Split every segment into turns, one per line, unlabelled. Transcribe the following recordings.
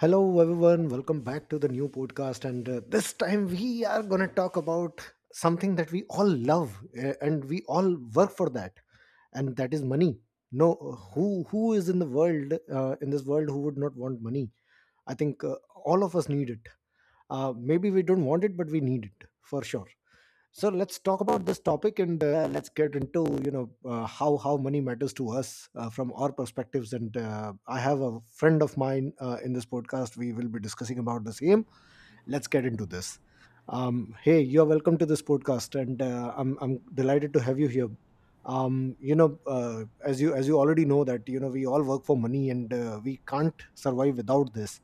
Hello, everyone. Welcome back to the new podcast. And this time we are going to talk about something that we all love and we all work for that, and that is money. No, who is in the world, in this world, who would not want money? I think all of us need it. Maybe we don't want it, but we need it for sure. So let's talk about this topic, and let's get into, how money matters to us, from our perspectives. And I have a friend of mine, in this podcast we will be discussing about the same. Let's get into this. Hey, you're welcome to this podcast, and I'm delighted to have you here. As you already know that, we all work for money, and we can't survive without this.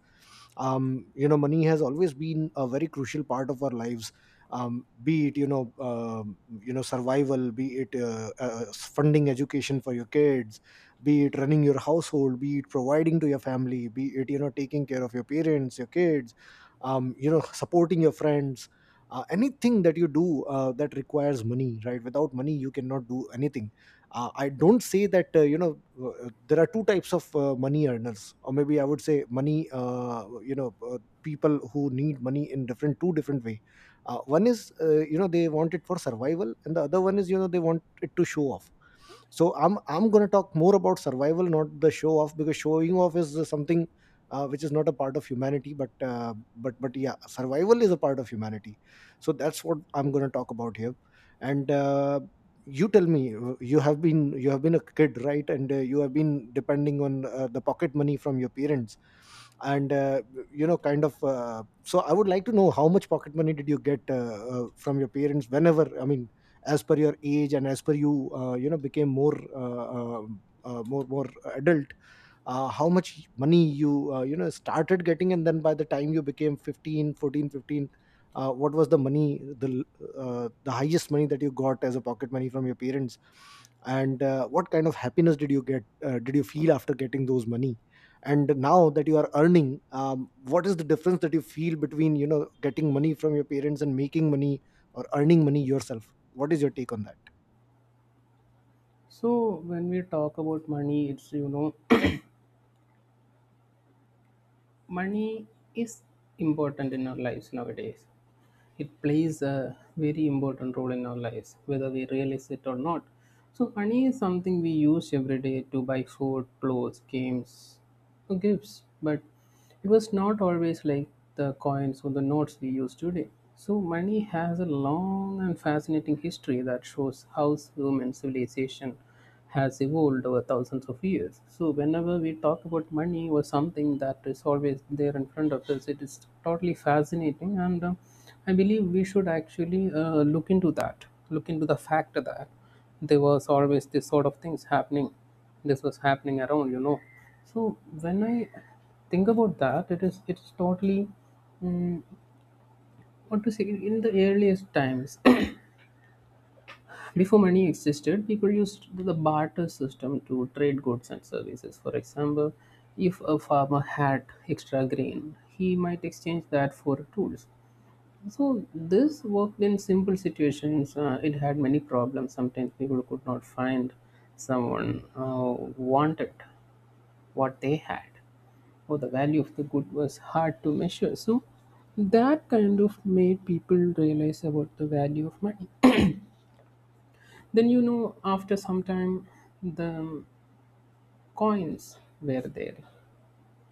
Money has always been a very crucial part of our lives. Be it, survival, be it funding education for your kids, be it running your household, be it providing to your family, be it, taking care of your parents, your kids, supporting your friends. Anything that you do, that requires money, right? Without money you cannot do anything. I don't say that. There are two types of money earners, or maybe I would say money, people who need money in different, two different way. One is, they want it for survival, and the other one is, they want it to show off. So I'm going to talk more about survival, not the show off, because showing off is something which is not a part of humanity. But yeah, survival is a part of humanity. So that's what I'm going to talk about here. And you tell me, you have been a kid, right? And you have been depending on, the pocket money from your parents, and you know kind of so I would like to know, how much pocket money did you get, from your parents, whenever, I mean, as per your age, and as per you, you know became more, more adult. How much money you, you know started getting, and then by the time you became 15, what was the money, the, the highest money that you got as a pocket money from your parents? And what kind of happiness did you get, did you feel after getting those money? And now that you are earning, what is the difference that you feel between, you know, getting money from your parents and making money, or earning money yourself? What is your take on that?
So when we talk about money, money is important in our lives nowadays. It plays a very important role in our lives, whether we realize it or not. So money is something we use every day to buy food, clothes, games, or gifts. But it was not always like the coins or the notes we use today. So money has a long and fascinating history that shows how human civilization has evolved over thousands of years. So, whenever we talk about money or something that is always there in front of us, it is totally fascinating. And I believe we should actually look into that, look into the fact that there was always this sort of things happening. This was happening around, you know. So, when I think about that, it's totally mm, what to say, in the earliest times before money existed, people used the barter system to trade goods and services. For example, if a farmer had extra grain, he might exchange that for tools. So this worked in simple situations. It had many problems. Sometimes people could not find someone wanted what they had, or the value of the good was hard to measure. So that kind of made people realize about the value of money. Then you know, after some time, the coins were there,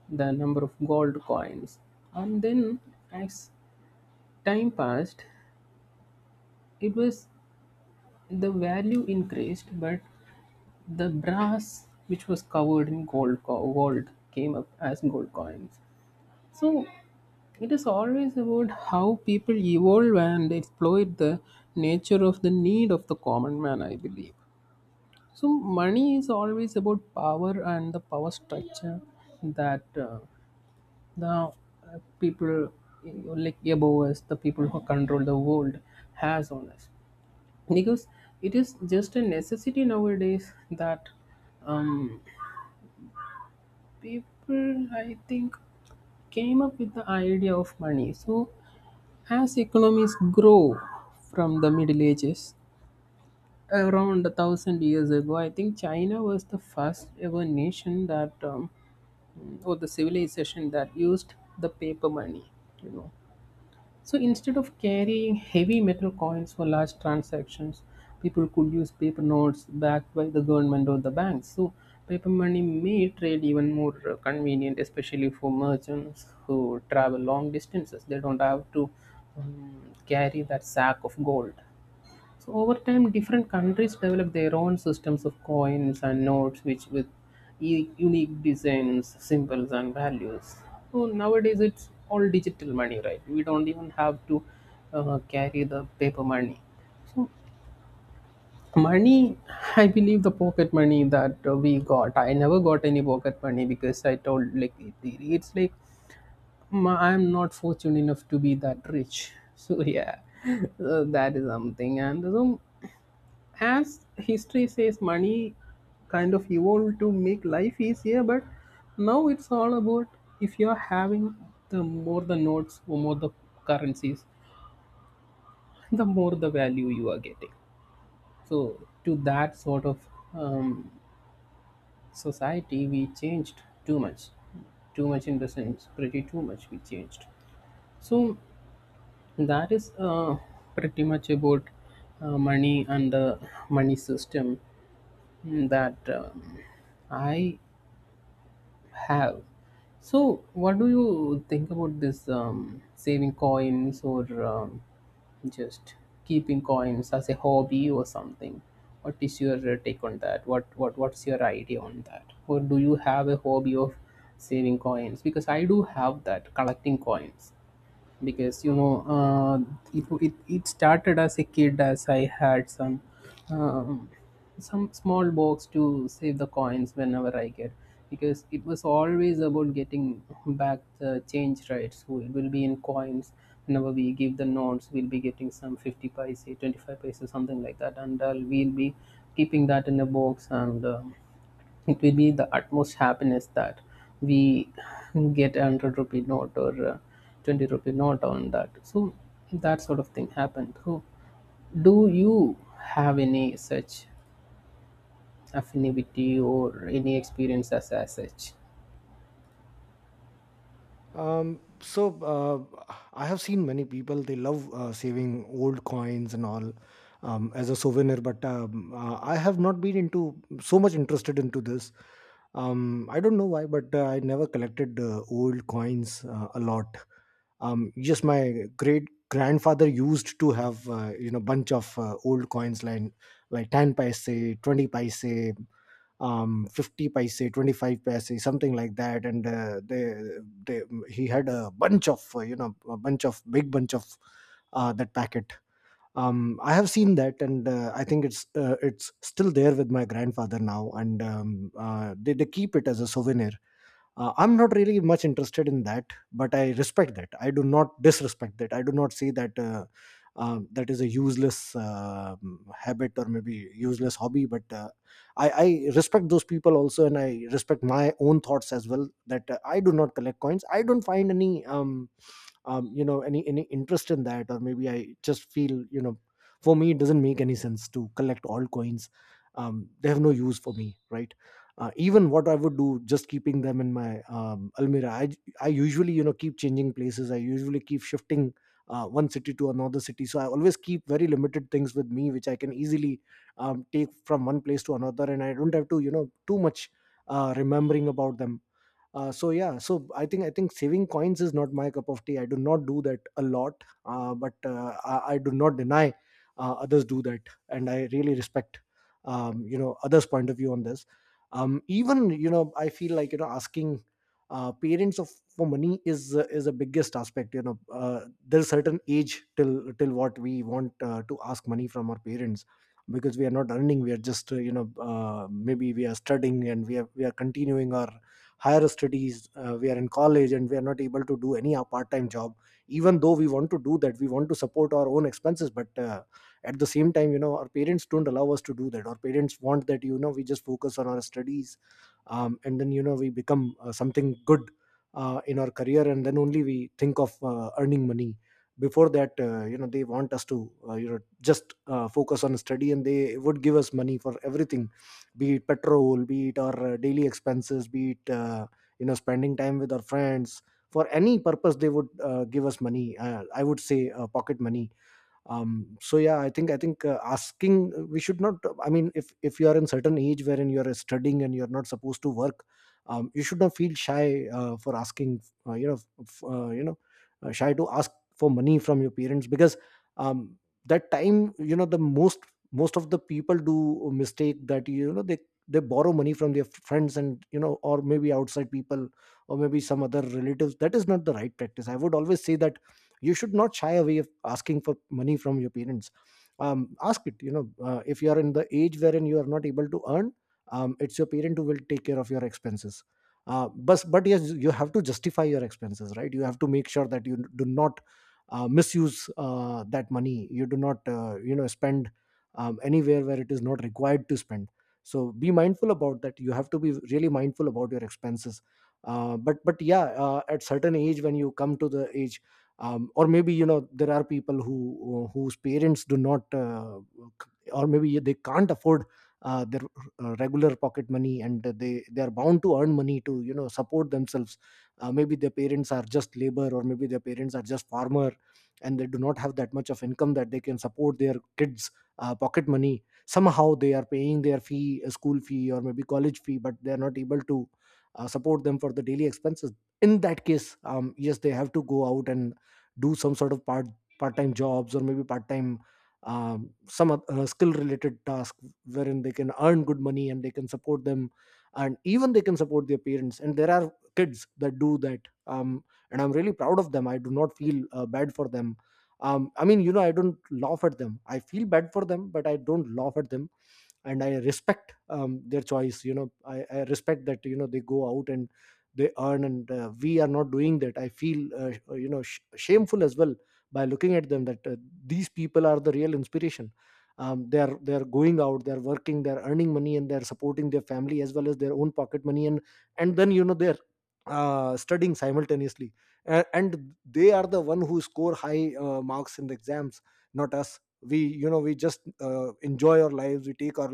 the number of gold coins, and then as time passed, it was the value increased, but the brass which was covered in gold came up as gold coins. So it is always about how people evolve and exploit the nature of the need of the common man, I believe. So money is always about power and the power structure that the people like above us, the people who control the world, has on us. Because it is just a necessity nowadays that um, people, I think, came up with the idea of money. So as economies grow from the Middle Ages, around a thousand years ago, I think China was the first ever nation that, or the civilization that used the paper money, you know. So instead of carrying heavy metal coins for large transactions, people could use paper notes backed by the government or the banks. So paper money made trade even more convenient, especially for merchants who travel long distances. They don't have to carry that sack of gold. So over time, different countries develop their own systems of coins and notes, which with unique designs, symbols, and values. So nowadays, it's all digital money, right? We don't even have to carry the paper money. So money, I believe the pocket money that we got, I never got any pocket money because I told like it's like I'm not fortunate enough to be that rich. So yeah, so that is something. And so as history says, money kind of evolved to make life easier, but now it's all about if you're having the more the notes, or more the currencies, the more the value you are getting. So to that sort of um, society we changed too much, too much in the sense, pretty too much we changed. So that is pretty much about money and the money system that I have. So, what do you think about this, saving coins, or just keeping coins as a hobby or something? What is your take on that? What's your idea on that? Or do you have a hobby of saving coins? Because I do have that, collecting coins, because you know it started as a kid. As I had um, some small box to save the coins whenever I get, because it was always about getting back the change, right? So it will be in coins. Whenever we give the notes, we'll be getting some 50 paise, 25 paise, something like that, and we'll be keeping that in a box. And um, it will be the utmost happiness that we get a 100 rupee note or a 20 rupee note on that. So that sort of thing happened. So do you have any such affinity or any experience as such?
Um, so uh, I have seen many people, they love saving old coins and all, as a souvenir, but I have not been into so much interested into this. I don't know why, but I never collected old coins a lot. Just my great grandfather used to have, bunch of old coins, like 10 paise, 20 paise, 50 paise, 25 paise, something like that. And uh, they they he had a bunch of, a bunch of, big bunch of, that packet. I have seen that. And I think it's, it's still there with my grandfather now. And they keep it as a souvenir. I'm not really much interested in that, but I respect that. I do not disrespect that. I do not see that, that is a useless habit, or maybe useless hobby, but I respect those people also, and I respect my own thoughts as well, that I do not collect coins. I don't find any any interest in that, or maybe I just feel, you know, for me it doesn't make any sense to collect altcoins. They have no use for me, right? Even, what I would do, just keeping them in my, almirah. I usually, you know, keep changing places. I usually keep shifting one city to another city, so I always keep very limited things with me, which I can easily take from one place to another, and I don't have to, you know, too much remembering about them. So yeah, so I think saving coins is not my cup of tea. I do not do that a lot. But I do not deny others do that, and I really respect, others point of view on this. Even, you know, I feel like, asking, parents of, for money is, is a biggest aspect, you know. There's certain age, till what we want, to ask money from our parents, because we are not earning. We are just, maybe we are studying, and we are continuing our higher studies. We are in college, and we are not able to do any part-time job. Even though we want to do that, we want to support our own expenses, but at the same time, you know, our parents don't allow us to do that. Our parents want that, you know, we just focus on our studies. And then, you know, we become something good in our career, and then only we think of earning money. Before that, they want us to, just focus on study, and they would give us money for everything. Be it petrol, be it our daily expenses, be it, spending time with our friends. For any purpose they would give us money, I would say pocket money. So yeah, I think asking, we should not, I mean, if you are in certain age wherein you are studying and you are not supposed to work, you should not feel shy for asking, uh, you know f- uh, you know shy to ask for money from your parents, because um that time, you know, the most, of the people do a mistake that, you know, they borrow money from their friends, and, you know, or maybe outside people, or maybe some other relatives. That is not the right practice. I would always say that you should not shy away of asking for money from your parents. Ask it, you know. If you are in the age wherein you are not able to earn, it's your parent who will take care of your expenses. But yes, you have to justify your expenses, right? You have to make sure that you do not misuse that money. You do not, spend anywhere where it is not required to spend. So be mindful about that. You have to be really mindful about your expenses. But yeah, at certain age, when you come to the age, or maybe, you know, there are people whose parents do not, or maybe they can't afford their regular pocket money, and they are bound to earn money to, you know, support themselves. Maybe their parents are just labor, or maybe their parents are just farmer, and they do not have that much of income that they can support their kids pocket money. Somehow they are paying their fee, school fee, or maybe college fee, but they are not able to support them for the daily expenses. In that case, yes, they have to go out and do some sort of part-time jobs, or maybe part-time, some skill-related task, wherein they can earn good money, and they can support them, and even they can support their parents. And there are kids that do that, um, and I'm really proud of them. I do not feel bad for them. I mean, you know, I don't laugh at them. I feel bad for them, but I don't laugh at them, and I respect, their choice, you know. I respect that, you know, they go out and they earn, and we are not doing that. I feel, shameful as well, by looking at them, that these people are the real inspiration. They are going out, they are working, they are earning money, and they are supporting their family, as well as their own pocket money. And then, you know, they're studying simultaneously, and they are the one who score high marks in the exams, not us. We, you know, we just enjoy our lives. We take our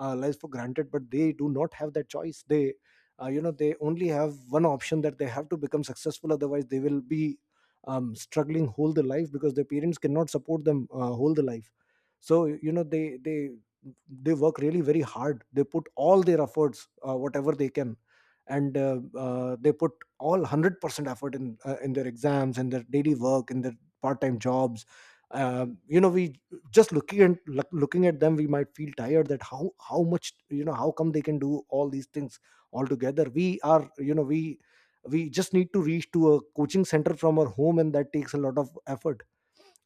lives for granted, but they do not have that choice. They, they only have one option, that they have to become successful, otherwise they will be struggling whole the life, because their parents cannot support them whole the life. So, you know, they work really very hard. They put all their efforts, whatever they can, and they put all 100% effort in, in their exams, in their daily work, in their part-time jobs. You know, we, just looking at, looking at them, we might feel tired, that how, how much, you know, how come they can do all these things altogether. We are, you know, we just need to reach to a coaching center from our home, and that takes a lot of effort.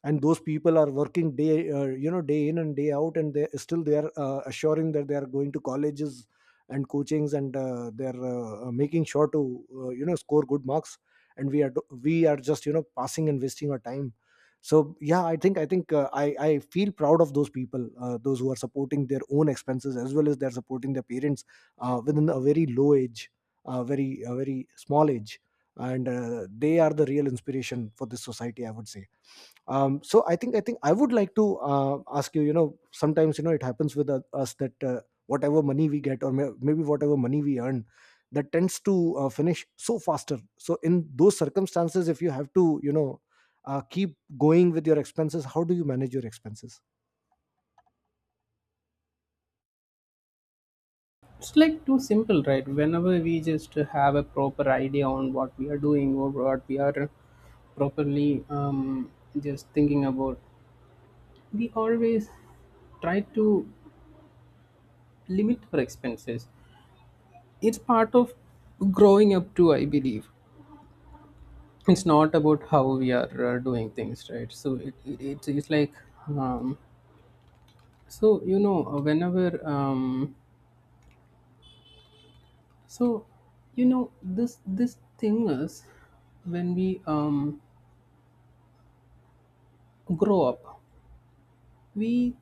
And those people are working day, day in and day out, and they still, they are assuring that they are going to colleges and coachings, and they are making sure to, score good marks. And we are, just, you know, passing and wasting our time. So yeah, I think I think I feel proud of those people, those who are supporting their own expenses, as well as they're supporting their parents, within a very low age, a very, a very, small age. And they are the real inspiration for this society, I would say. So I think I would like to ask you, you know, sometimes, you know, it happens with us that whatever money we get, or maybe whatever money we earn, that tends to finish so faster. So in those circumstances, if you have to, you know, keep going with your expenses, how do you manage your expenses?
It's like too simple, right? Whenever we just have a proper idea on what we are doing, or what we are properly just thinking about, we always try to limit our expenses. It's part of growing up too, I believe. It's not about how we are doing things, right? So it's like um so you know whenever so you know this this thing is, when we grow up, we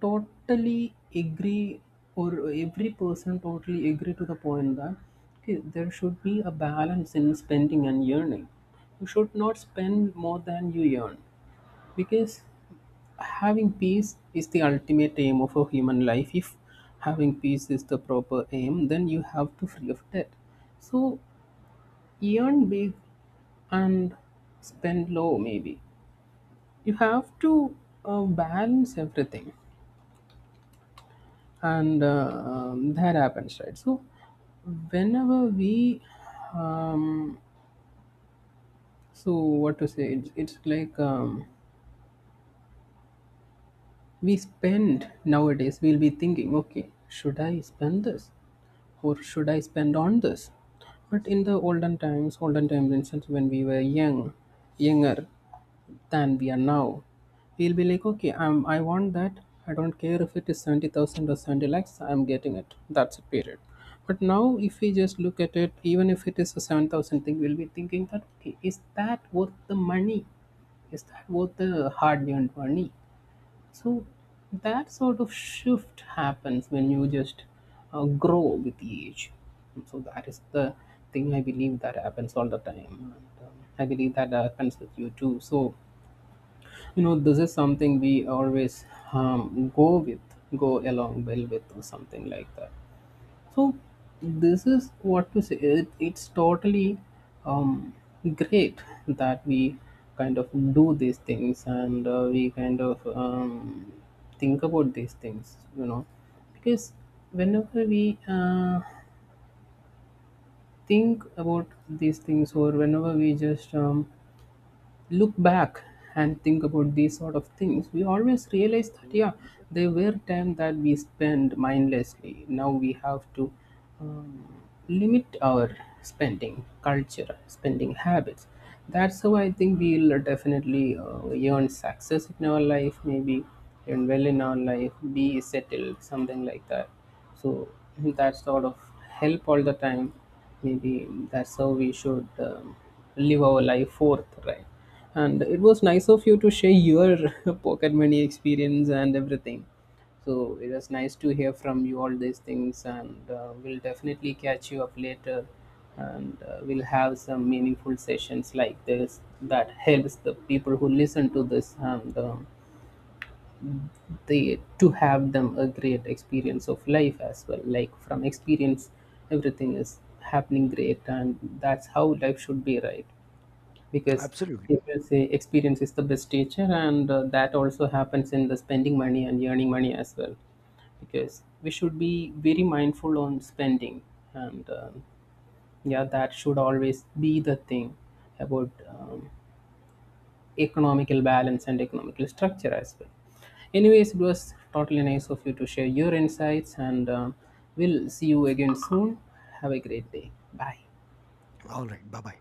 totally agree, or every person totally agree to the point that okay, there should be a balance in spending and earning. You should not spend more than you earn, because having peace is the ultimate aim of a human life. If having peace is the proper aim, then you have to free of debt. So earn big and spend low, maybe. You have to balance everything. And that happens, right? So whenever we um so what to say, it's like um, we spend nowadays, we'll be thinking okay, should I spend this, or should I spend on this? But in the olden times, olden times instance, when we were young, younger than we are now, we'll be like okay, I want that. I don't care if it is 70,000 or 70 lakhs, I'm getting it. That's a period. But now if we just look at it, even if it is a 7,000 thing, we'll be thinking that okay, is that worth the money? Is that worth the hard earned money? So that sort of shift happens when you just grow with the age. So that is the thing I believe that happens all the time. And, um, I believe that happens with you too. So you know, this is something we always go with, go along well with, or something like that. So this is what to say. It's totally um, great that we kind of do these things, and we kind of think about these things, you know. Because whenever we think about these things, or whenever we just look back and think about these sort of things, we always realize that yeah, they were time that we spend mindlessly. Now we have to um, limit our spending culture, spending habits. That's how I think we'll definitely earn success in our life, maybe earn well in our life, be settled, something like that. So that sort of help all the time. Maybe that's how we should live our life forth, right? And it was nice of you to share your pocket money experience and everything. So it was nice to hear from you all these things, and we'll definitely catch you up later, and we'll have some meaningful sessions like this that helps the people who listen to this, and they to have them a great experience of life as well, like from experience everything is happening great, and that's how life should be, right? Because
Absolutely.
people say experience is the best teacher, and that also happens in the spending money and earning money as well, because we should be very mindful on spending. And yeah, that should always be the thing about economical balance and economical structure as well. Anyways, it was totally nice of you to share your insights, and we'll see you again soon. Have a great day. Bye.
All right. Bye bye.